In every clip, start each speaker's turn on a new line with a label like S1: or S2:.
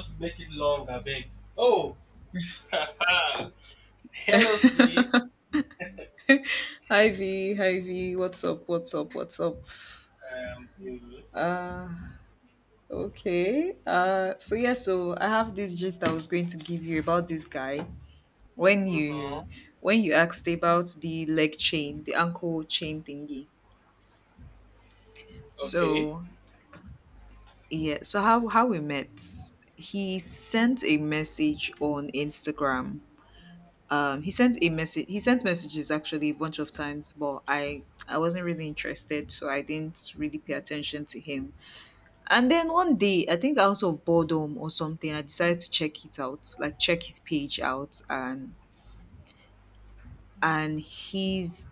S1: Just make it long, I beg. Oh, hello, C.
S2: Hi V, what's up, what's up, what's up?
S1: Good.
S2: Uh okay. So yeah, so I have this gist I was going to give you about this guy. When
S1: Mm-hmm.
S2: you when you asked about the leg chain, the ankle chain thingy.
S1: Okay.
S2: So yeah, so how we met. He sent a message on Instagram. He sent a message, he sent messages actually a bunch of times, but I wasn't really interested, so I didn't really pay attention to him. And then one day, I think out of boredom or something, I decided to check it out, like check his page out, and he's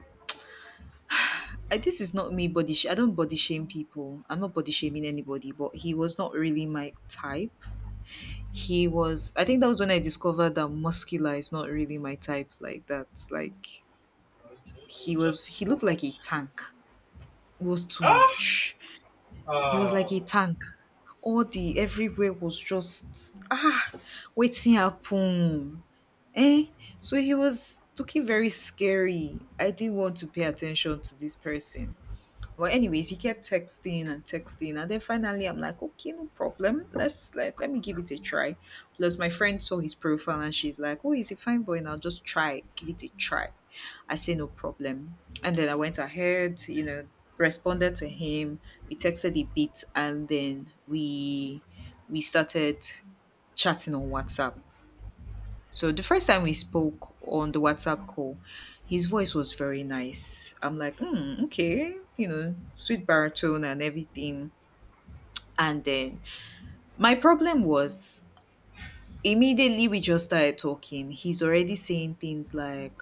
S2: this is not me body. I don't body shame people. I'm not body shaming anybody, but he was not really my type. He was. I think that was when I discovered that muscular is not really my type like that. Like
S1: Okay, it
S2: he
S1: was
S2: was. He
S1: just too
S2: looked like a
S1: much.
S2: tank. It was too
S1: Ah,
S2: much. He was like
S1: oh,
S2: a tank. All the everywhere was just ah, waiting happen. Eh? So he was looking very scary. I didn't want to pay attention to this person. But anyways, he kept texting and texting, and then finally I'm like, okay, no problem. Let me give it a try. Plus, my friend saw his profile and she's like, oh, he's a fine boy, and I'll just try, give it a try. I say no problem, and then I went ahead, you know, responded to him. We texted a bit, and then we started chatting on WhatsApp. So the first time we spoke on the WhatsApp call, his voice was very nice. I'm like, hmm, okay, you know, sweet baritone and everything. And then my problem was, immediately we just started talking, he's already saying things like,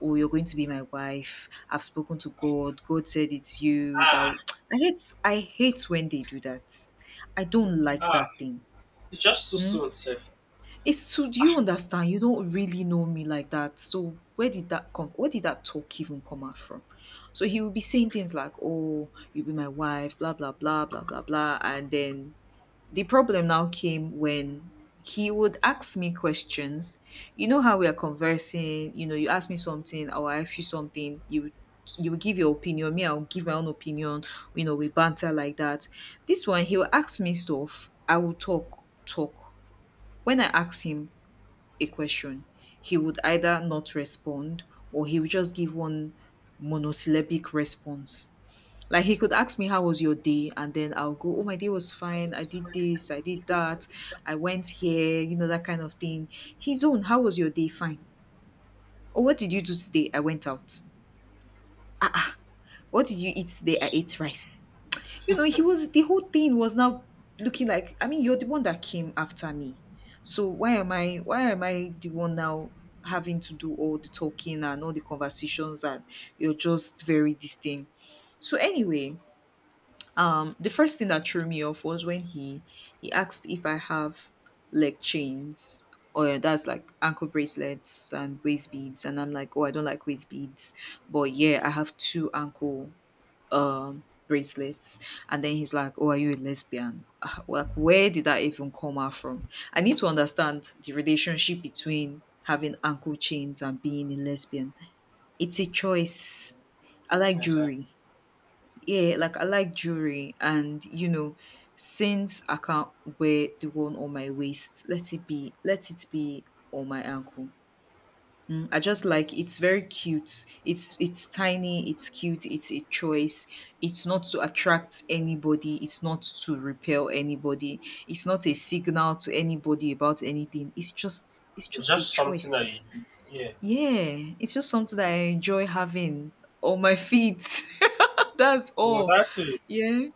S2: oh, you're going to be my wife. I've spoken to God. God said it's you. That
S1: ah,
S2: I hate when they do that. I don't like
S1: ah.
S2: that thing.
S1: It's just too
S2: Hmm?
S1: soon, Seth.
S2: It's to, do you understand? You don't really know me like that. So where did that come? Where did that talk even come out from? So he will be saying things like, "Oh, you'll be my wife," blah blah blah blah blah blah, and then the problem now came when he would ask me questions. You know how we are conversing. You know, you ask me something, I will ask you something. You will give your opinion. Me, I'll give my own opinion. You know, we banter like that. This one, he will ask me stuff. I will talk, talk. When I ask him a question, he would either not respond or he would just give one monosyllabic response. Like he could ask me, how was your day? And then I'll go, oh, my day was fine. I did this, I did that, I went here, you know, that kind of thing. His own, how was your day? Fine. Oh, what did you do today? I went out. Ah, ah. What did you eat today? I ate rice. You know, he was, the whole thing was now looking like, I mean, you're the one that came after me. So why am I the one now having to do all the talking and all the conversations, and you're just very distant. So anyway, the first thing that threw me off was when he asked if I have leg chains or that's like ankle bracelets and waist beads, and I'm like, "Oh, I don't like waist beads." But yeah, I have two ankle bracelets, and then he's like, oh, are you a lesbian? Ah, like, where did that even come out from? I need to understand the relationship between having ankle chains and being a lesbian. It's a choice. I like
S1: Exactly.
S2: jewelry. Yeah, like, I like jewelry, and, you know, since I can't wear the one on my waist, let it be, let it be on my ankle. I just like, it's very cute. It's tiny, it's cute, it's a choice. It's not to attract anybody, it's not to repel anybody. It's not a signal to anybody about anything. It's just it's
S1: It's
S2: just a
S1: just something that
S2: choice.
S1: you do. Yeah.
S2: Yeah, it's just something that I enjoy having on my feet. That's all.
S1: Exactly.
S2: Yeah.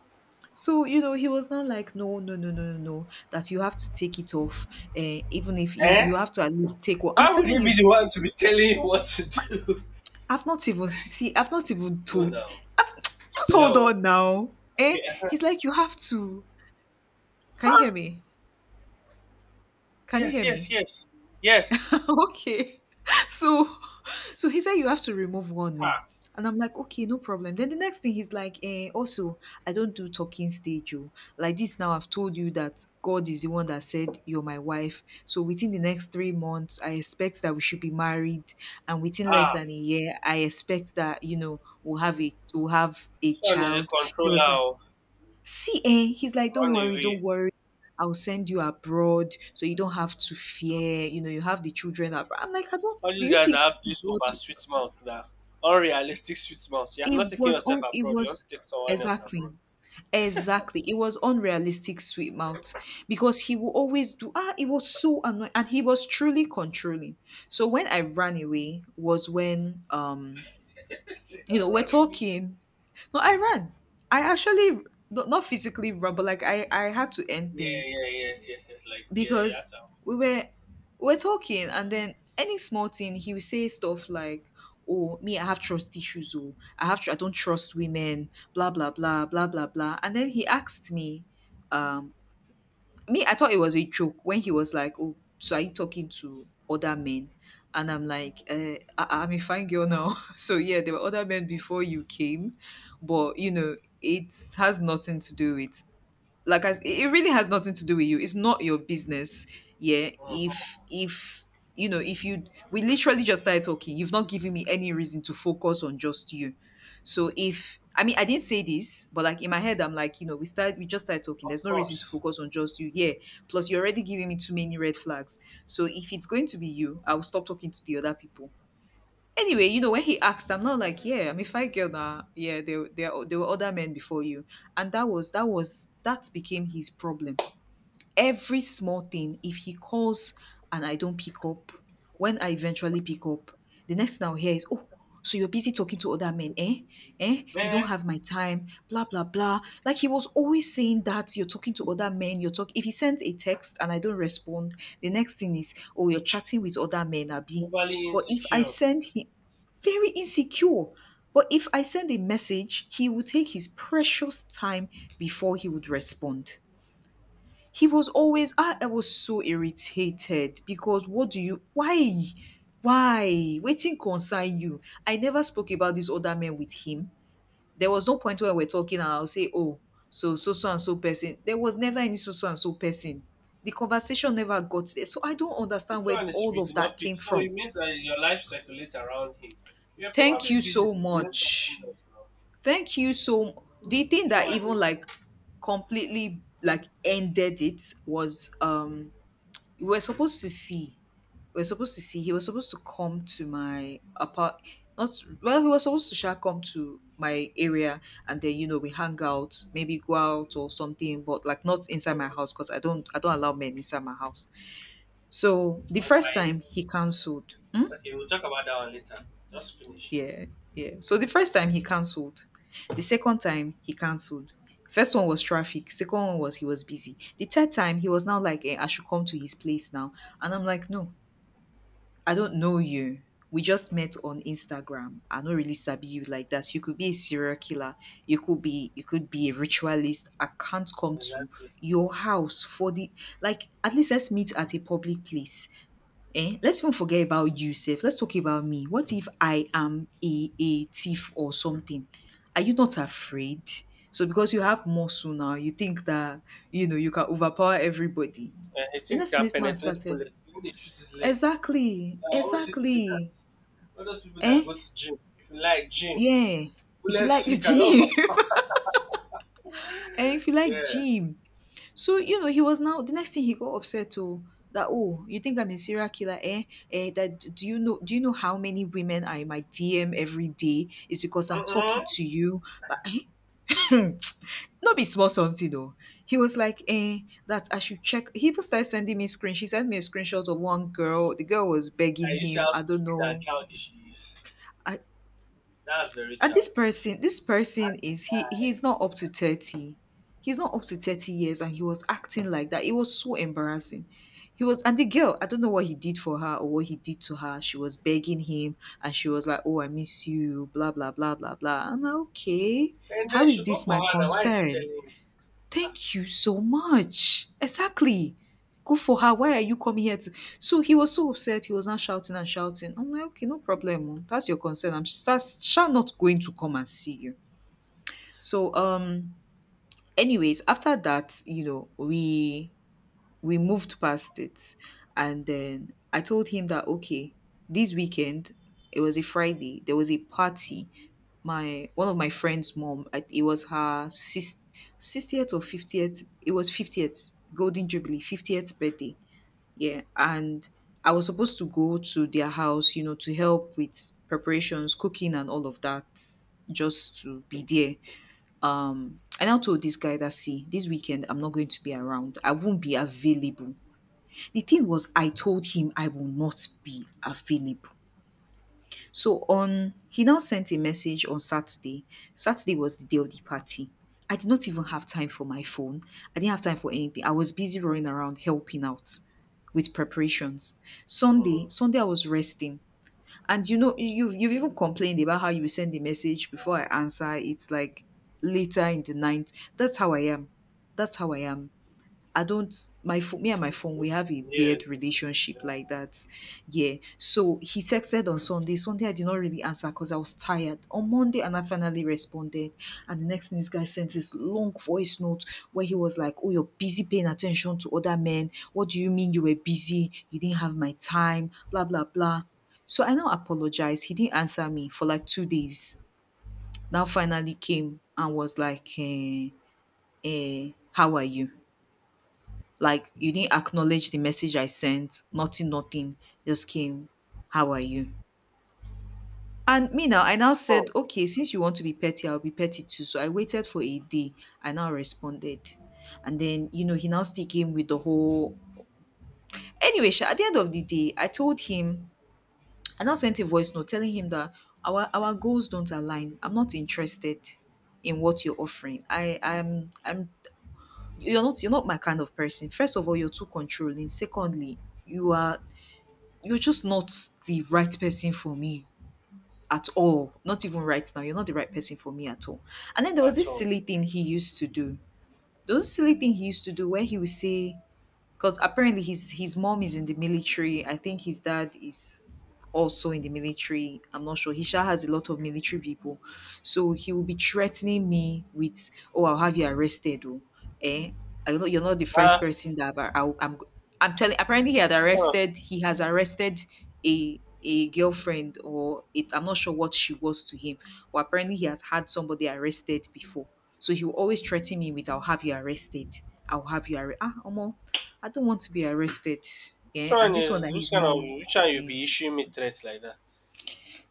S2: So, you know, he was not like, no, no, no, no, no, no, that you have to take it off. Even if you, you
S1: Eh?
S2: have to at least take what I'm
S1: Why would
S2: telling
S1: you be
S2: you,
S1: the one to be telling you what to do?
S2: I've not even see, I've not even
S1: No,
S2: told,
S1: no.
S2: just hold
S1: Hello.
S2: on now. Eh?
S1: Okay. Uh-huh.
S2: He's like, "You have to." Can you hear
S1: Huh?
S2: me? Can you
S1: Yes,
S2: hear
S1: yes,
S2: me?
S1: yes, yes.
S2: Okay. So so he said you have to remove one, no.
S1: Ha.
S2: And I'm like, okay, no problem. Then the next thing he's like, eh, also, I don't do talking stage. Oh. Like this now, I've told you that God is the one that said, you're my wife. So within the next 3 months, I expect that we should be married. And within less
S1: Ah.
S2: than a year, I expect that, you know, we'll have a
S1: This one is a
S2: child. He
S1: controller.
S2: was like,
S1: Oh.
S2: see, eh, he's like, don't
S1: Run
S2: worry, don't
S1: away.
S2: worry. I'll send you abroad so you don't have to fear. You know, you have the children abroad. I'm like, I don't.
S1: All
S2: Do
S1: these
S2: you
S1: guys
S2: think
S1: that have
S2: this is
S1: this
S2: what
S1: over sweet mouth now, unrealistic sweet mouth. You have not
S2: it
S1: taken
S2: was?
S1: yourself abroad. You want to take someone else
S2: Exactly,
S1: abroad.
S2: exactly. It was unrealistic, sweet mouth, because he will always do. Ah, it was so annoying, and he was truly controlling. So when I ran away was when,
S1: Say
S2: you
S1: that
S2: know, we're
S1: run away.
S2: talking. No, I ran. I actually. Not not physically run, but like, I had to end
S1: Yeah,
S2: things.
S1: yeah, yes, yes, yes. Like yeah, yeah.
S2: Because we were we were talking, and then any small thing he would say stuff like, oh, me, I have trust issues, oh, I don't trust women, blah blah blah blah blah blah, and then he asked me, um me, I thought it was a joke when he was like, oh, so are you talking to other men? And I'm like, I'm a fine girl now. So yeah, there were other men before you came, but you know, it has nothing to do with, it really has nothing to do with you. It's not your business. Yeah. if
S1: Mm-hmm.
S2: if you know, if you, we literally just started talking, you've not given me any reason to focus on just you. So if, I mean, I didn't say this, but like in my head I'm like, you know, we just started talking,
S1: Of
S2: there's no reason to
S1: course.
S2: focus on just you. Yeah. Plus, you're already giving me too many red flags. So if it's going to be you, I'll stop talking to the other people. Anyway, you know, when he asked, I'm not like, yeah, I'm a fight girl now. Yeah, there were other men before you. And that became his problem. Every small thing, if he calls and I don't pick up, when I eventually pick up, the next thing I'll hear is, oh, so you're busy talking to other men, eh, eh, you don't
S1: Bear
S2: have my time, blah blah blah. Like, he was always saying that, you're talking to other men, you're talking, if he sends a text and I don't respond, the next thing is, oh, you're chatting with other men, abi.
S1: overly
S2: But if I
S1: insecure.
S2: send him, very insecure. But if I send a message, he will take his precious time before he would respond. He was always, I was so irritated, because what do you, why? Why? Waiting concern you. I never spoke about this other man with him. There was no point where we're talking and I'll say, oh, so so so and so person. There was never any so so and so person. The conversation never got there. So I don't
S1: Which
S2: understand where
S1: one is
S2: all
S1: you
S2: of
S1: did
S2: that
S1: not pick?
S2: came
S1: So
S2: from.
S1: it means that your life circulates around him. You're
S2: Thank
S1: probably
S2: you
S1: busy
S2: so
S1: doing something
S2: much.
S1: else now.
S2: Thank you so, the thing
S1: Which
S2: that
S1: one
S2: even
S1: is?
S2: like completely like ended it was, we were supposed to see, he was supposed to come to my apart, not, well, he was supposed to shall come to my area, and then, you know, we hang out, maybe go out or something, but like not inside my
S1: Mm.
S2: house, because I don't allow men inside my house. So the
S1: And
S2: first
S1: why?
S2: time he cancelled. Hmm?
S1: Okay, we'll talk about that one later. Just finish.
S2: Yeah, yeah, so the first time he cancelled, the second time he cancelled. First one was traffic. Second one was he was busy. The third time, he was now like, eh, I should come to his place now. And I'm like, no, I don't know you. We just met on Instagram. I don't really sabi you like that. You could be a serial killer. You could be, a ritualist. I can't come to
S1: Exactly.
S2: your house for the, like, at least let's meet at a public place. Eh? Let's even forget about you, safe. Let's talk about me. What if I am a thief or something? Are you not afraid? So because you have muscle now, you think that you can overpower everybody.
S1: I
S2: The
S1: think he
S2: next thing
S1: can
S2: this man
S1: penetrate
S2: started.
S1: bullets. Even they shoot his leg.
S2: Exactly,
S1: I always used to see that.
S2: exactly.
S1: All those people that
S2: Eh?
S1: go to gym, if you like gym,
S2: Yeah. If you like
S1: bullets he
S2: the
S1: can
S2: gym,
S1: overpower.
S2: eh? If you like
S1: Yeah.
S2: gym. So he was now, the next thing he got upset to that, oh, you think I'm a serial killer, eh? Eh, that do you know how many women are in my DM every day? It's because I'm talking
S1: Mm-mm.
S2: to you. But not be small something though. He was like, that I should check. He even started sending me screen. She sent me a screenshot of one girl. The girl was begging
S1: Can you see
S2: him.
S1: how
S2: I don't
S1: stupid and
S2: know.
S1: childish he is?
S2: I,
S1: That's very
S2: And this
S1: childish.
S2: person, this person
S1: As a
S2: is
S1: guy.
S2: he's not up to 30. He's not up to 30 years and he was acting like that. It was so embarrassing. He was. And the girl, I don't know what he did for her or what he did to her. She was begging him and she was like, oh, I miss you, blah blah blah blah blah. I'm like, okay.
S1: And
S2: How
S1: then
S2: is
S1: she go
S2: this
S1: for
S2: my
S1: her. Now why is he
S2: concern?
S1: telling you? Ah,
S2: Thank you so much. Exactly. Good for her. Why are you coming here to? So he was so upset. He was now shouting and shouting. I'm like, okay, no problem. Oh. That's your concern. I'm just that's shall not going to come and see you. So anyways, after that, we moved past it. And then I told him that, okay, this weekend, it was a Friday, there was a party. My One of my friend's mom, it was her 60th or 50th, it was 50th, Golden Jubilee, 50th birthday. Yeah. And I was supposed to go to their house, to help with preparations, cooking, and all of that, just to be there. And I told this guy that, see, this weekend I'm not going to be around. I won't be available. The thing was, I told him I will not be available. So on, he now sent a message on Saturday. Saturday was the day of the party. I did not even have time for my phone. I didn't have time for anything. I was busy running around helping out with preparations.
S1: mm,
S2: Sunday, Sunday I was resting. And you've even complained about how you send the message before I answer. It's like later in the night. That's how I am. That's how I am. I don't My phone. Me and my phone, we
S1: okay.
S2: have a
S1: Yes,
S2: weird
S1: this is
S2: relationship like that. Yeah. So he texted on Sunday. Sunday I did not really answer because I was tired. On Monday and I finally responded. And the next thing, this guy sent this long voice note where he was like, oh, you're busy paying attention to other men. What do you mean you were busy? You didn't have my time, blah blah blah. So I now apologized. He didn't answer me for like 2 days. Now finally came and was like, how are you? Like you didn't acknowledge the message I sent, nothing, nothing. Just came, how are you? And me now, I now
S1: hmm,
S2: said, okay, since you want to be petty, I'll be petty too. So I waited for a day. I now responded. And then, he now still came with the whole. Anyway, sha, at the end of the day, I told him, I now sent a voice note telling him that our goals don't align. I'm not interested in what you're offering. I I'm you're not my kind of person. First of all, you're too controlling. Secondly, you are you're just not the right person for me at all. Not even right now. You're not the right person for me at all. And then there was
S1: at
S2: this
S1: all.
S2: silly thing he used to do. There was a silly thing he used to do where he would say, because apparently his mom is in the military. I think his dad is also in the military. I'm not sure. Hisha has a lot of military people. So he will be threatening me with, oh, I'll have you arrested. Oh, eh? I know you're not the
S1: Ah,
S2: first person that I'm telling, apparently
S1: which
S2: he has arrested a girlfriend, or it, I'm not sure what she was to him, but apparently he has had somebody arrested before. So he will always threaten me with, I'll have you arrested. I'll have you arrested. Ah, Omo, I don't want to be arrested. Yeah. And
S1: one
S2: this one
S1: is
S2: that
S1: which
S2: his
S1: kind of
S2: mom
S1: which one you be
S2: is,
S1: issuing me threats like that?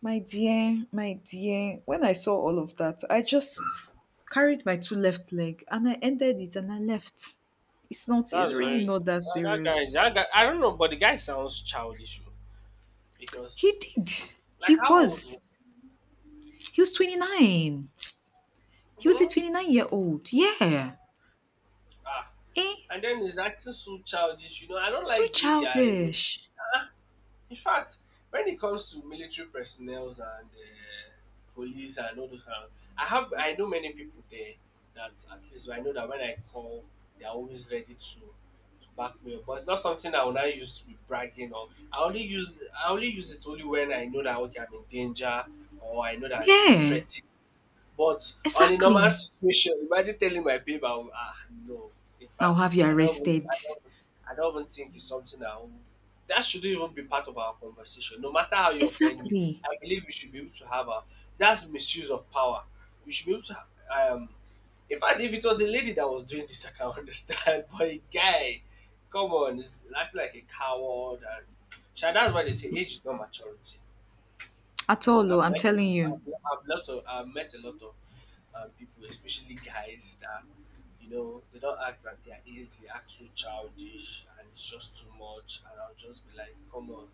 S2: my dear, my dear, when I saw all of that, I just carried my two left leg and I ended it and I left. It's
S1: That's
S2: really
S1: very
S2: not that
S1: that, that guy.
S2: serious.
S1: That guy. I don't know, but the guy sounds childish oh,
S2: He
S1: because
S2: did.
S1: like
S2: He
S1: how old
S2: was.
S1: was?
S2: He was 29. He was a
S1: Hmm.
S2: 29-year-old. Yeah.
S1: Ah,
S2: Eh?
S1: and then he's acting so childish. You know, I don't
S2: So
S1: like doing yare.
S2: childish.
S1: In fact, when it comes to military personnels and police and all those kind of, I know many people there that at least I know that when I call, they are always ready to back me up. But it's not something I will not use to be bragging on. I only use it only when I know that okay I'm in danger or I know that I feel
S2: Yeah.
S1: threatened but on a normal
S2: Exactly.
S1: situation, imagine telling my babe, I will, ah, no. In
S2: I'll
S1: fact,
S2: have you arrested.
S1: I don't even think it's something I will, that shouldn't even be part of our conversation. No matter how you offend me,
S2: Exactly.
S1: I believe we should be able to have a, that's misuse of power. We should be able to, ha- in fact, if it was a lady that was doing this, I can understand, but a guy, come on, is acting like a coward. And, sha, that's why they say age is not maturity.
S2: At all, oh,
S1: I've
S2: I'm
S1: met a
S2: telling
S1: lot.
S2: you.
S1: I've met a lot of people, especially guys that you know they don't act at their age. They act so childish and it's just too much. And I'll just be like, come on.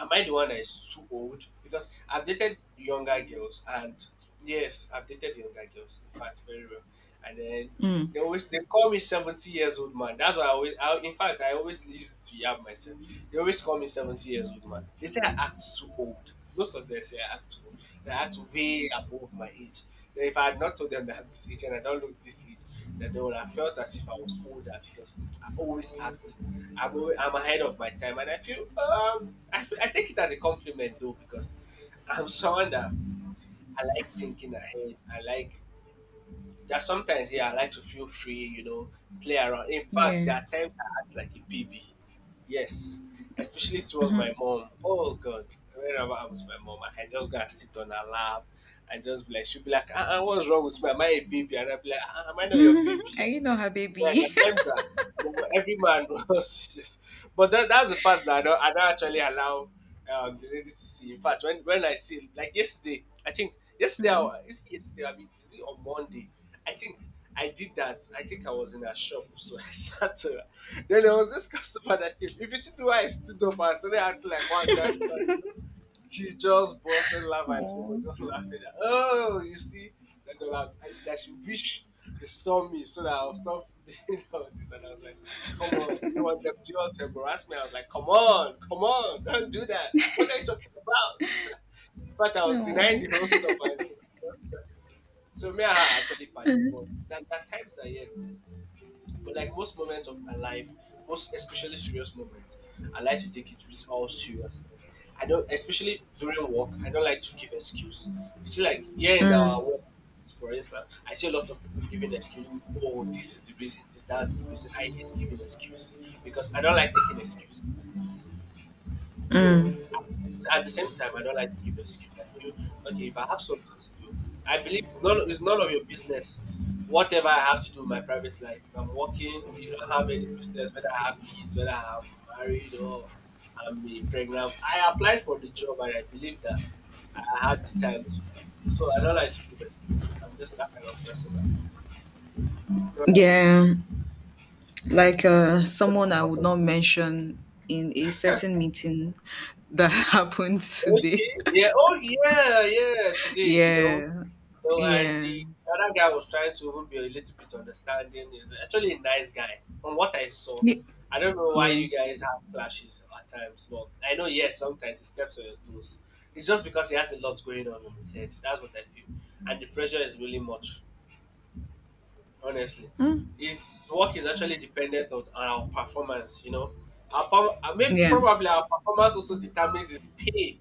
S1: Am I the one that is too old? Because I've dated younger girls, and yes, I've dated younger girls. In fact, very well. And then
S2: Mm.
S1: they call me 70 years old man. That's why I always. I, in fact, I always used to yab myself. They always call me 70 years old man. They say I act too old. Most of them say I act too old. That I act way above my age. Then if I had not told them that I'm this age and I don't look this age, that they would have felt as if I was older because I always act. I'm ahead of my time and I feel, I feel, I take it as a compliment though because I'm someone that I like thinking ahead. I like there are sometimes here I like to feel free, you know, play around. In fact,
S2: Yeah.
S1: there are times I act like a baby. Yes, especially towards
S2: Mhm.
S1: my mom. Oh God, whenever I'm with my mom, I can just go and sit on her lap and just be like, she'll be like, uh-uh, what's wrong with me? Am I a baby? And I'll be like, uh-uh, am I not your baby?
S2: Are you not her
S1: Yeah,
S2: baby?
S1: there are times that you know, every man wants to just. But that, that's the part that I don't actually allow the ladies to see. In fact, when I see, like yesterday, I think yesterday, I, wa-
S2: Mm.
S1: is it yesterday? I mean, is it on Monday? I think I did that. I think I was in a shop, so I sat to her. Then there was this customer that came. If you see the way I stood up, I started acting like one gangster. She just busted laugh and she
S2: Oh,
S1: was just laughing. At, oh, you see, that, they'll have- and that she wish they saw me so that I'll stop doing all this. And I was like, come on, do you want to embarrass me? I was like, come on, come on, don't do that. What are you talking about? but I was denying
S2: no.
S1: the whole stuff. And she was just trying. So me and her actually party, but that, that times are yeah. But like most moments of my life, most especially serious moments, I like to take it with all seriousness. I don't, especially during work, I don't like to give excuse. You see, like here in
S2: Mm,
S1: our work, for instance, I see a lot of people giving excuse. Oh, this is the reason. That's the reason. I hate giving excuses because I don't like taking excuses.
S2: mm.
S1: So at the same time, I don't like to give excuse. I feel okay if I have something to do. I believe none it's none of your business. Whatever I have to do in my private life, if I'm working, you don't have any business whether I have kids, whether I'm married or I'm eh, pregnant. I applied for the job and I believe that I had the time to. So I don't like to give excuses. I'm just that kind of person that don't like giving excuses.
S2: Yeah, like someone I would not mention in a certain meeting that happened today.
S1: Okay. Yeah. Oh, yeah. Yeah. Today, you know,
S2: Yeah,
S1: no, and
S2: yeah,
S1: the other guy was trying to even be a little bit understanding. He's actually a nice guy, from what I saw.
S2: Ye-
S1: I don't know why
S2: yeah,
S1: you guys have clashes at times, but I know yes, sometimes he steps on your toes. It's just because he has a lot going on in his head. That's what I feel, and the pressure is really much. Honestly,
S2: mm,
S1: his work is actually dependent on our performance. You know, our, perf- maybe
S2: yeah.
S1: probably our performance also determines his pay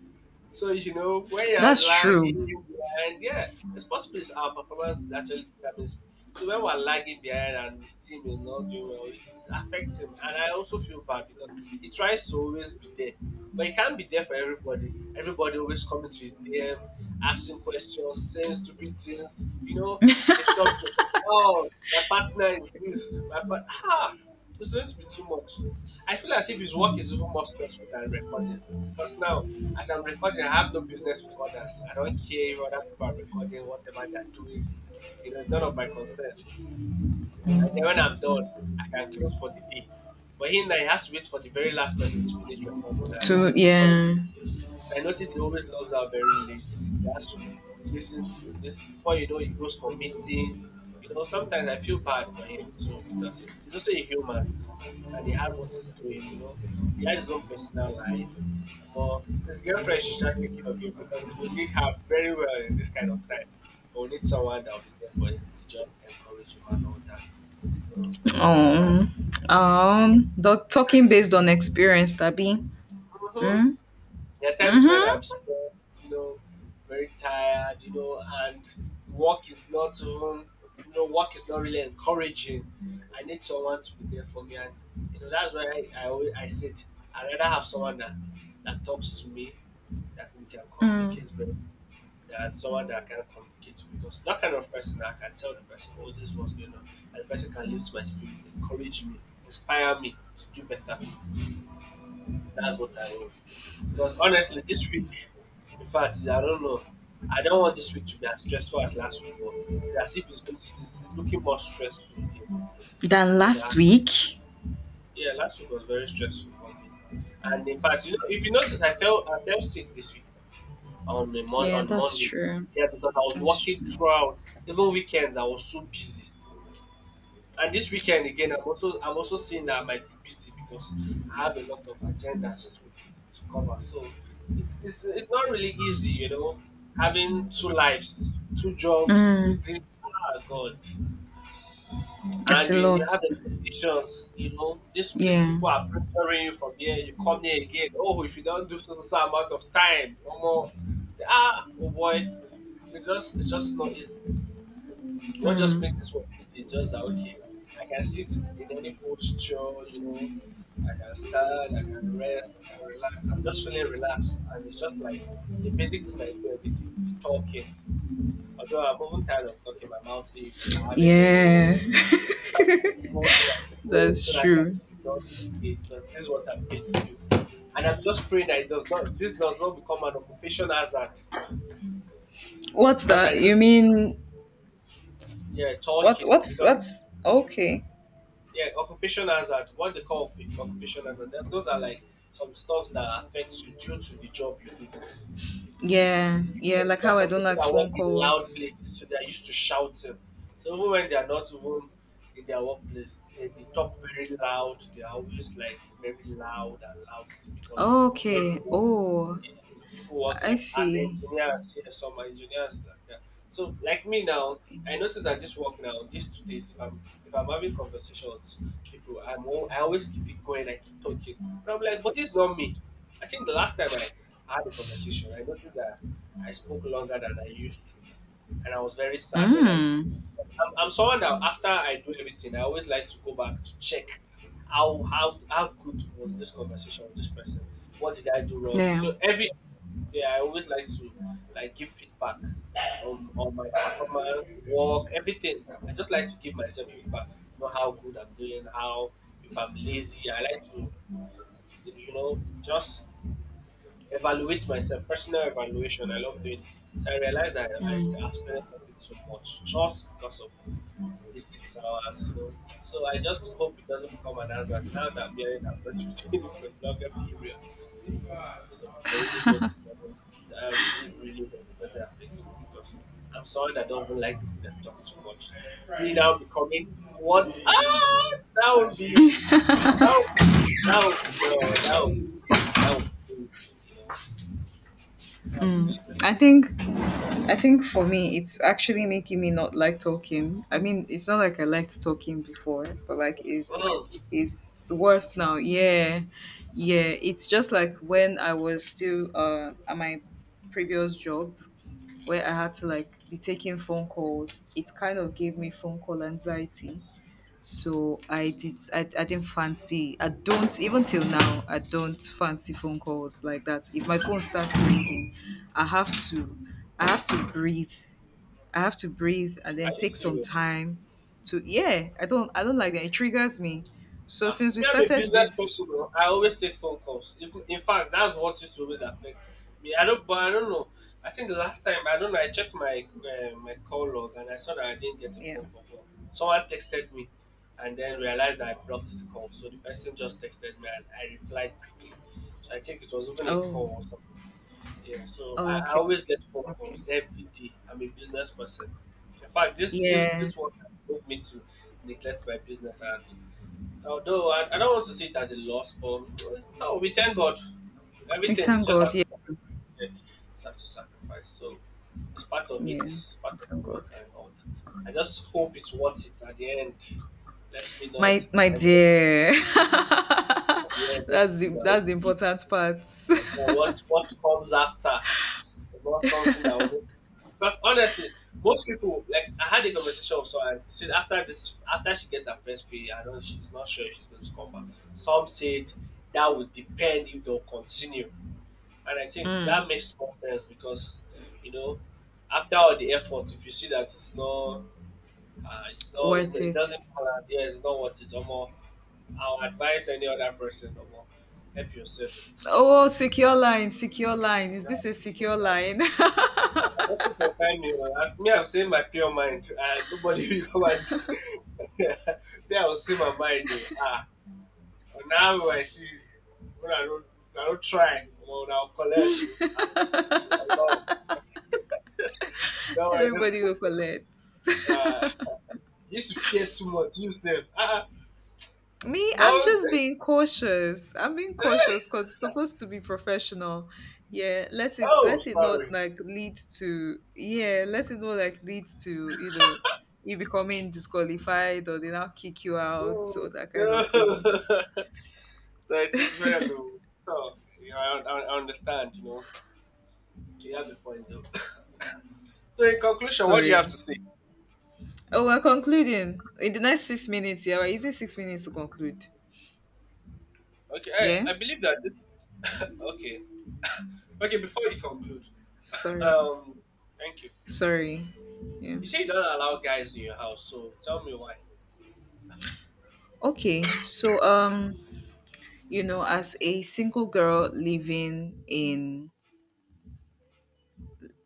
S1: so you know when you're
S2: That's true.
S1: lagging behind, yeah, it's possible it's our performance actually determines. So when we're lagging behind and his team is not doing well, it affects him. And I also feel bad because he tries to always be there, but he can't be there for everybody. Everybody always coming to his DM, asking questions, saying stupid things. You know, they talk. Oh, my partner is this. My part. Ah, it's going to be too much. I feel as if his work is even more stressful than recording because now, as I'm recording, I have no business with others. I don't care if other people are recording whatever they're doing. You know, it's none of my concern. And then when I'm done, I can close for the day. But him, now he has to wait for the very last person to finish recording. And
S2: To,
S1: for,
S2: yeah.
S1: I notice he always logs out very late. He has to listen to this before you know he goes for meeting. You know, sometimes I feel bad for him too because he's also a human and he has what he's doing, you know. He has his own personal life. But his girlfriend should start thinking of him because he will need her very well in this kind of time. He will need someone that will be there for him to just encourage him and all that. So that's
S2: Oh, talking based on experience, Tabi.
S1: mhm.
S2: Mm,
S1: There are times when
S2: mm-hmm.
S1: I'm stressed, you know, very tired, you know, and work is not even, you know, work is not really encouraging. I need someone to be there for me, and you know that's why I said I would rather have someone that talks to me, that we can
S2: Mm.
S1: communicate very, that someone that I can communicate to because that kind of person I can tell the person, oh, this was going on, and the person can lift my spirit, encourage me, inspire me to do better. That's what I want. Because honestly, this week, in fact, I don't know. I don't want this week to be as stressful as last week, but it's as if it's, going to, it's looking more stressful again.
S2: Than
S1: I don't know.
S2: last week.
S1: Yeah, last week was very stressful for me, and in fact, you know, if you notice, I felt sick this week
S2: Yeah,
S1: on
S2: that's
S1: Monday.
S2: true.
S1: Yeah, because I was
S2: That's
S1: working throughout, even weekends. I was so busy. And this weekend again, I'm also seeing that I might be busy because I have a lot of agendas to cover. So it's not really easy, you know, having two lives, two jobs,
S2: true.
S1: two things. Ah, God,
S2: It's
S1: and
S2: a
S1: you
S2: lot.
S1: have expectations. You know, this these
S2: Yeah.
S1: people are pressuring you from here. You come here again. Oh, if you don't do so so, so amount of time, no more. Ah, oh boy, it's just not easy. What just
S2: Mm.
S1: makes this one easy is just that, okay, I can sit in any posture, you know, I can stand, I can rest, I can relax. I'm just feeling relaxed, and it's just like the basic thing I do every day is talking. Although I'm often tired of talking, my mouth aches, I have a headache, but
S2: Yeah.
S1: I have to go there and keep going
S2: That's
S1: so that I can
S2: true.
S1: be done for the day because this is what I'm paid to do. And I'm just praying that it does not, this does not become an occupation hazard
S2: What's
S1: because I
S2: that? You
S1: noticed,
S2: mean
S1: yeah,
S2: what
S1: talking
S2: what's
S1: because
S2: what's okay.
S1: yeah, occupation hazard, what they call occupation hazard, that, those are like some stuffs that affects you due to the job you do.
S2: Yeah. Yeah,
S1: If
S2: like
S1: There are
S2: how I
S1: some
S2: don't
S1: people
S2: like
S1: that
S2: phone
S1: work in loud
S2: calls.
S1: places, so they are used to shouting. So even when they are not even in their workplace, they talk very loud. They are always like very loud and loud because when they
S2: Okay.
S1: work.
S2: Oh,
S1: Yeah, so people work
S2: I
S1: like as
S2: see.
S1: engineers, yeah, some are engineers like that. So like me now, I notice that this work now, these 2 days, if I'm having conversations with people, I always keep it going, I keep talking, and I'm like, but this is not me. I think the last time I had a conversation, I noticed that I spoke longer than I used to, and I was very sad when I
S2: Mm.
S1: I'm someone that after I do everything, I always like to go back to check how good was this conversation with this person. What did I do wrong? You
S2: Yeah.
S1: know, every yeah, I always like to like give feedback on my performance, work, everything. I just like to give myself feedback. You know how good I'm doing, how if I'm lazy, I like to you know just evaluate myself. Personal evaluation, I love doing. So I realized that I've
S2: Mm.
S1: started talking too much just because of it's 6 hours, you know. So I just hope it doesn't become an hazard. Now that I'm hearing I'm going to be doing it for a longer period. So I really hope it doesn't I really, really hope it doesn't affect me because I'm sorry that do not even like people that talk too much. Me now becoming what ah that would be that would, that would no that would be that would be crazy, you know. That would be really
S2: I
S1: crazy.
S2: think
S1: No,
S2: I think for me, it's actually making me not like talking. I mean, it's not like I liked talking before, but like it's
S1: no. Mm,
S2: it's worse now. Yeah, yeah. It's just like when I was still at my previous job where I had to like be taking phone calls. It kind of gave me phone call anxiety, so I did. I didn't fancy. I don't even till now. I don't fancy phone calls like that. If my phone starts ringing, I have to. I have to breathe. I have to breathe and then
S1: are you
S2: take some
S1: serious?
S2: time to. Yeah, I don't. I don't like that. It triggers me. So
S1: Ah,
S2: since we
S1: me, I'm a
S2: started
S1: business
S2: this,
S1: person. Oh. I always take phone calls. If, in fact, that's what used to always affect me. I don't, but I don't know. I think the last time I don't know. I checked my my call log and I saw that I didn't get a
S2: yeah.
S1: phone call. But someone texted me, and then realized that I blocked the call. So the person just texted me and I replied quickly. So I think it was even a
S2: Oh.
S1: call or something. Yeah. So I
S2: Okay.
S1: always get phone
S2: Okay.
S1: calls every day. I'm a business person. In fact, this this
S2: Yeah.
S1: this one made me to neglect my business and although I don't want to see it as a loss, but no, we thank God.
S2: We
S1: Everything is
S2: thank
S1: just have
S2: God.
S1: to
S2: Yeah.
S1: sacrifice. Yeah, just have to sacrifice. So it's part of it.
S2: Yeah.
S1: It's
S2: We
S1: part of
S2: thank
S1: the
S2: God.
S1: work and all that. I just hope it's worth it at the end. Let me
S2: My
S1: not
S2: my
S1: end up
S2: dear.
S1: at the end. Let
S2: that's
S1: it be
S2: the
S1: the
S2: that's the
S1: okay.
S2: important part.
S1: And what comes after? About something that will make. Because honestly, most people, like, I had a conversation with someone. She said after this, after she get her first pay, I don't. She's not sure if she's going to come back. Some said that would depend if they'll continue, and I think that
S2: Mm.
S1: makes more sense because, you know, after all the effort, if you see that it's not,
S2: Worth
S1: it
S2: it.
S1: doesn't balance. Yeah, it's not what it's. Or more, I'll advise any other person. Or more, help yourself.
S2: Oh, secure line, secure line. Is this a
S1: That's it,
S2: secure
S1: bro.
S2: line?
S1: Nothing concern me, man. I- Me, I'm saying my pure mind, and nobody will come and. Me, I will say my mind. Oh. Ah, and now I see. When I don't, if I don't try, well, I'll collect. Oh. Ah, oh, no, no, I
S2: Everybody
S1: don't.
S2: will collect.
S1: Ah, you used to fear too much. You said, ah, ah,
S2: Me,
S1: no.
S2: I'm just being cautious. I'm being cautious because it's supposed to be professional. Yeah, let it
S1: Oh,
S2: let it not
S1: sorry.
S2: like lead to, yeah, let it not like lead to, you becoming disqualified or they now kick you out
S1: Mm,
S2: or that kind of thing.
S1: no.
S2: Just
S1: No, it is well. Oh. So, you I I understand. You know, you have a point though. So, in conclusion, what do you
S2: sorry.
S1: have to say?
S2: Oh, we're concluding. In the next 6 minutes, yeah, we're using 6 minutes to conclude.
S1: Okay,
S2: Yeah?
S1: I believe that this. Okay, okay. Before you conclude,
S2: Sorry.
S1: um, thank you.
S2: Sorry. Yeah.
S1: You say you don't allow guys in your house, so tell me why.
S2: Okay. So you know, as a single girl living in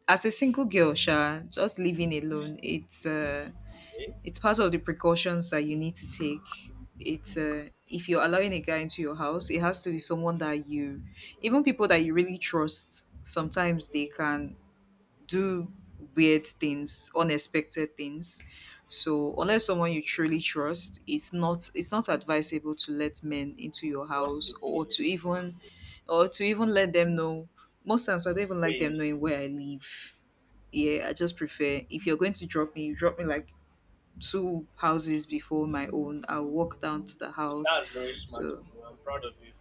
S2: as a single girl Sha, just living alone, it's uh
S1: Okay,
S2: it's part of the precautions that you need to take. It's if you're allowing
S1: okay.
S2: a guy into your house, it has to be someone that you. Even people that you really trust, sometimes they can do weird things, unexpected things. So
S1: Of
S2: unless
S1: course,
S2: someone you truly trust, it's not advisable to let men into your
S1: it's not
S2: house,
S1: safe
S2: or
S1: here.
S2: to
S1: It's not
S2: even,
S1: safe.
S2: let them know. Most times I don't even
S1: Where
S2: like
S1: you
S2: them knowing
S1: sleep.
S2: where I live. Yeah, I just prefer if you're going to drop me, you drop me like two houses before my own. I'll walk down to the house.
S1: That's very smart of
S2: So
S1: you. I'm proud of you.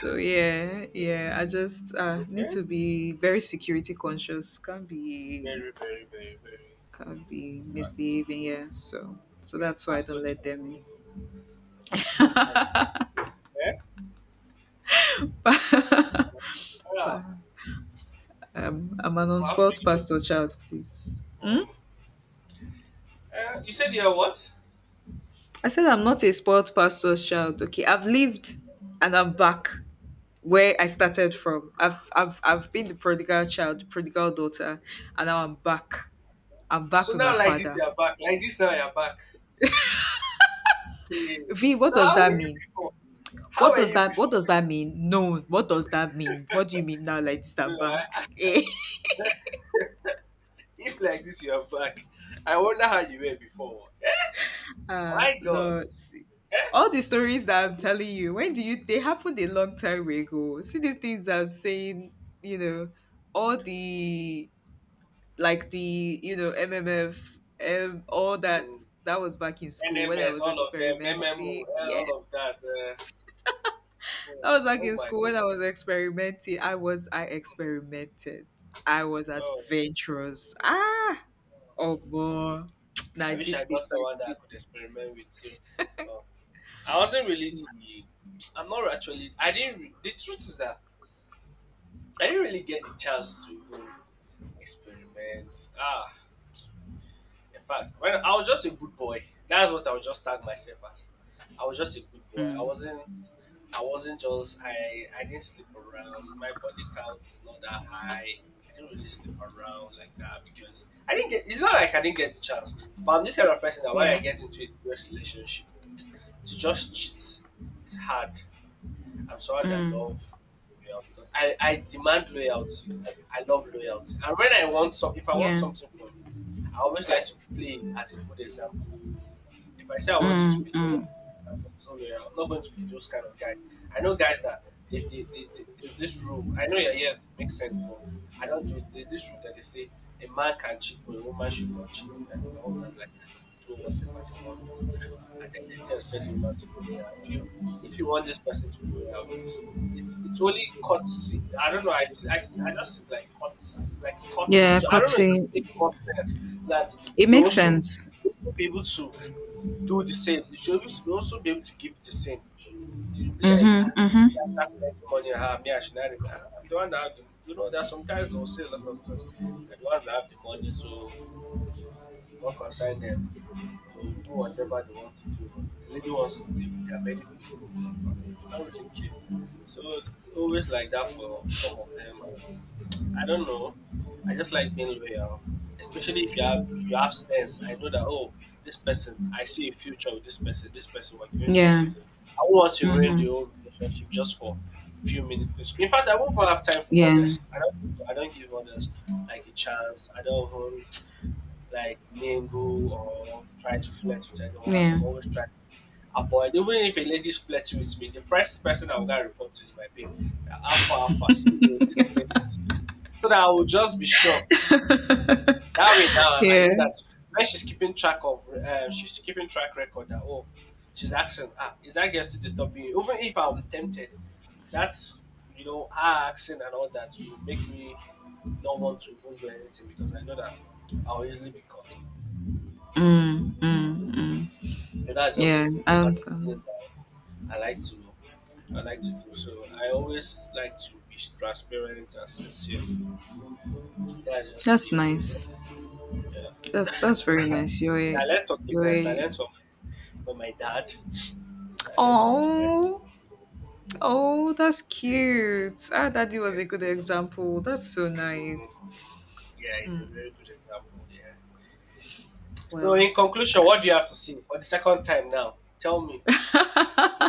S2: so yeah, yeah, I just need
S1: Okay,
S2: to be very security conscious. Can't be
S1: very, very, very, very
S2: can be
S1: fast.
S2: misbehaving, yeah, so
S1: Yeah,
S2: that's why I
S1: pastor
S2: don't let
S1: child,
S2: them in.
S1: pastor child. Yeah, pastor
S2: But,
S1: child. Ah,
S2: I'm an
S1: how for
S2: unsport
S1: you?
S2: pastor child please. Hmm?
S1: Hmm. Eh, you said you're what?
S2: I said I'm not a sport pastor's child, okay. I've lived and I'm back where I started from. I've been the prodigal daughter, and now I'm back
S1: So
S2: with my
S1: now, like this,
S2: father.
S1: you're back. Like this, now you're back. Hey,
S2: v,
S1: so how were you before? How were you
S2: what
S1: before?
S2: does that
S1: Because,
S2: mean, no, what do you mean now, like, this I'm
S1: you know,
S2: back.
S1: if like this you are back, I wonder how you were before. Eh? My God.
S2: Lord, see.
S1: Eh?
S2: All the stories that I'm telling you, when do you? They happened a long time ago. See these things I'm saying, you know, all the like the MMF, all that.
S1: Mm.
S2: That was back in school when I
S1: NMS,
S2: was
S1: all of them, MMO,
S2: experimenting.
S1: eh,
S2: Yeah,
S1: all of that.
S2: that
S1: Mm.
S2: was back
S1: Oh
S2: in
S1: my.
S2: school when I was experimenting. I experimented. I was
S1: Oh,
S2: adventurous. Ah, oh boy, now I
S1: I wish
S2: did
S1: I
S2: this,
S1: got
S2: I
S1: someone that I
S2: did
S1: could experiment with. So, well, I wasn't really.
S2: that.
S1: The, I'm not actually. I didn't. The truth is that I didn't really get the chance to even experiment. Ah, in fact, when I was just a good boy. That's what I would just tag myself as. I was just a good boy.
S2: Mm.
S1: I wasn't just I didn't sleep around. My body count is not that high. I didn't really sleep around like that because I didn't get it's not like I didn't get the chance. But I'm this kind of person that when
S2: Yeah.
S1: I get into a serious relationship, to just cheat is hard. I'm someone that
S2: Mm.
S1: love, you know, because I demand loyalty. I love loyalty. And when I want some if I want
S2: Yeah.
S1: something from I always like to play him as a good example. If I say I want you
S2: Mm,
S1: to be
S2: mm.
S1: loyal, I'm so loyal. I'm not going to be those kind of guys. I know guys that if they, they there's this rule. I know yeah, yes, it makes sense, but I don't do it. There's this rule that they say a man can cheat, but a woman should not cheat. I don't want that like that. They will do whatever they want and then they still expect the woman to be loyal. I feel if you want this person to be loyal, it's only cuts. I don't know. I just feel like cuts. It's like cuts.
S2: Yeah,
S1: I don't know if it
S2: cutting.
S1: makes more fair that
S2: It
S1: you
S2: makes
S1: also
S2: sense.
S1: you also be able to do the same. You should also you also be able to give the same. You be like ah.
S2: Mm-hmm.
S1: That-
S2: Mm-hmm.
S1: That's like the money I have. Me, I should not. Remember. I'm the one that have the, you know. There are some guys who say a lot of things. Like the ones that have the money, so don't concern them they do whatever they want to do. The lady wants to live. There are many faces in the river. They don't really care. So it's always like that for some of them. And I don't know. I just like being loyal, especially if you have you have sense. I know that oh, this person, I see a future with this person. This person we're going
S2: Yeah.
S1: somewhere. I won't want to ruin
S2: Mm-hmm.
S1: the whole relationship just for a few minutes. In fact, I won't even have time for
S2: Yeah.
S1: others. I don't. I don't give others like a chance. I don't even like mingle or try to flirt with anyone.
S2: Yeah.
S1: I'm always trying avoid even if a lady's flirting with me, the first person I will gonna report to is my babe. Alpha alpha, see oh, this girl is so that I will just be sure. That way now I
S2: Yeah.
S1: know that when she's keeping track of she's keeping track record that oh she's asking ah is that girl still disturbing you? Even if I'm tempted, that's you know, her asking and all that will make me not want to even do anything because I know that I'll easily be caught.
S2: Mm, mm, mm.
S1: But that's just
S2: Yeah.
S1: part
S2: And
S1: of the things I like to I like to do. So I always like to be transparent and sincere. That's just it,
S2: that's
S1: you know. So
S2: nice.
S1: yeah,
S2: That's very nice.
S1: I learned from the
S2: You're
S1: best. I
S2: a,
S1: learned from my dad. I learned from the best.
S2: oh oh that's cute. Ah, daddy was
S1: Yeah,
S2: a
S1: so,
S2: good example. That's so
S1: mm,
S2: nice.
S1: yeah, it's a
S2: Mm,
S1: very good example. Yeah. So
S2: well.
S1: in conclusion, what do you have to say for the second time now? Tell me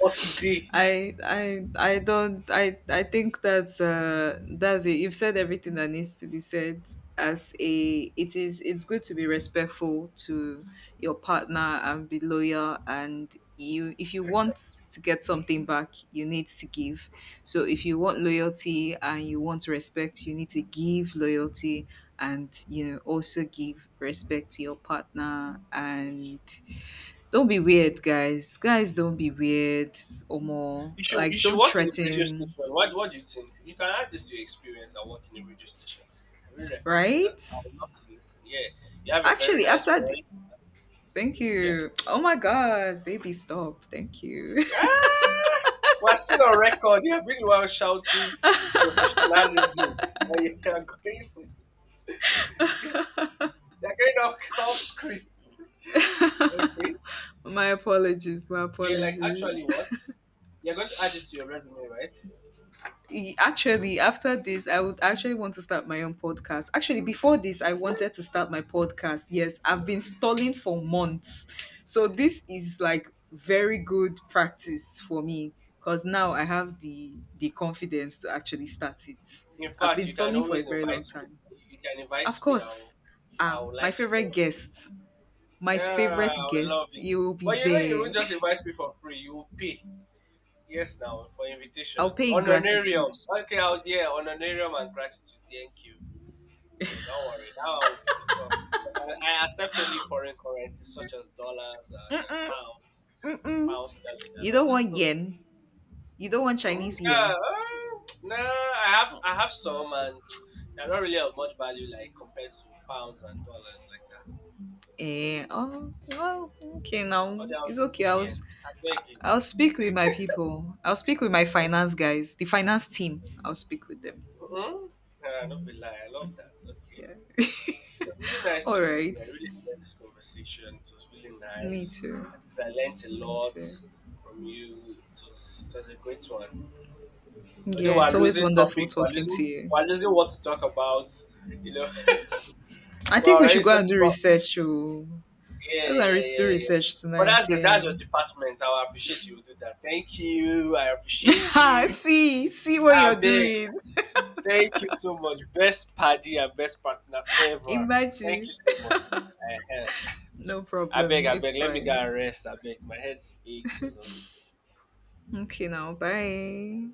S1: for today.
S2: I don't I think that's it. You've said everything that needs to be said. As a it is it's good to be respectful to your partner and be loyal, and you if you want to get something back, you need to give. So if you want loyalty and you want respect, you need to give loyalty and also give respect to your partner, and don't be weird, guys. Guys, don't be weird or more.
S1: You should you
S2: Like,
S1: should
S2: don't
S1: work in a radio station.
S2: threaten,
S1: What do you think? You can add this to your experience and work in a radio station. I really recommend
S2: right?
S1: that. I would love to listen. Yeah, you have a very
S2: Actually,
S1: nice
S2: after.
S1: voice.
S2: Thank
S1: Okay.
S2: you. Oh my God, baby, stop. Thank you.
S1: Ah, we're still on record. You have really well shouting professionalism. And you are going you're going off, off script. Okay.
S2: My apologies. My
S1: Yeah, like actually
S2: apologies.
S1: what? You're going to add this to your resume, right?
S2: Actually, after this, I would actually want to start my own podcast. Actually, before this, I wanted to start my podcast. Yes, I've been stalling for months. So this is like very good practice for me because now I have the confidence to actually start it.
S1: In
S2: I've been
S1: fact, you can
S2: stalling for a
S1: always
S2: very long
S1: invite me.
S2: time.
S1: You can
S2: Of
S1: invite me. I'll
S2: course,
S1: I
S2: ah,
S1: would like to join your
S2: my
S1: Yeah,
S2: favorite
S1: I would love
S2: guest,
S1: it.
S2: you will be
S1: But you know, you won't
S2: there.
S1: just invite me for free. You will pay. Yes, now for invitation.
S2: I'll pay in
S1: Honorarium.
S2: gratitude.
S1: Okay, I'll, yeah, honorarium and gratitude. Thank you. So don't worry. That one will be discussed. Because I accept only foreign currencies such as dollars and pounds,
S2: Mm-mm.
S1: pound sterling, and
S2: You
S1: all
S2: don't
S1: that.
S2: want
S1: So,
S2: yen. You don't want
S1: mm,
S2: Chinese yen.
S1: yeah, nah, I have some, and they're not really of much value like compared to pounds and dollars like that.
S2: Eh, oh,
S1: So,
S2: well, okay
S1: all
S2: now.
S1: they have
S2: It's
S1: to
S2: okay.
S1: do, yeah. I beg
S2: I'll speak with my people. I'll speak with my
S1: you.
S2: finance guys, the finance team. I'll speak with them.
S1: Mm-hmm. Ah, not be lie. I love that. Okay. It
S2: Yeah.
S1: was really nice
S2: All
S1: talking to
S2: right.
S1: you. I really enjoyed this conversation. It was really
S2: Me
S1: nice.
S2: too.
S1: At least I learned a
S2: Me
S1: lot
S2: too.
S1: from you. It was a great one.
S2: Yeah,
S1: Although
S2: it's
S1: we're
S2: always
S1: losing
S2: wonderful
S1: topics, we're
S2: talking to
S1: losing
S2: you.
S1: we're losing what to talk about. You know,
S2: I
S1: we're
S2: think we should
S1: already
S2: go and
S1: talking
S2: do
S1: about
S2: research. Oh. Let's
S1: yeah,
S2: go and
S1: yeah,
S2: do
S1: yeah, yeah.
S2: research
S1: But
S2: tonight. Yeah.
S1: that's your department. I will appreciate you do that. Thank you. I appreciate you.
S2: See, see what
S1: I
S2: you're
S1: beg.
S2: doing.
S1: Thank you so much. Best paddy and best partner ever. Thank
S2: Imagine.
S1: you so much. I,
S2: No
S1: I
S2: problem.
S1: beg, I
S2: It's
S1: beg. Let me go
S2: fine.
S1: and rest. I beg. My head aches a lot.
S2: Okay, now. Bye.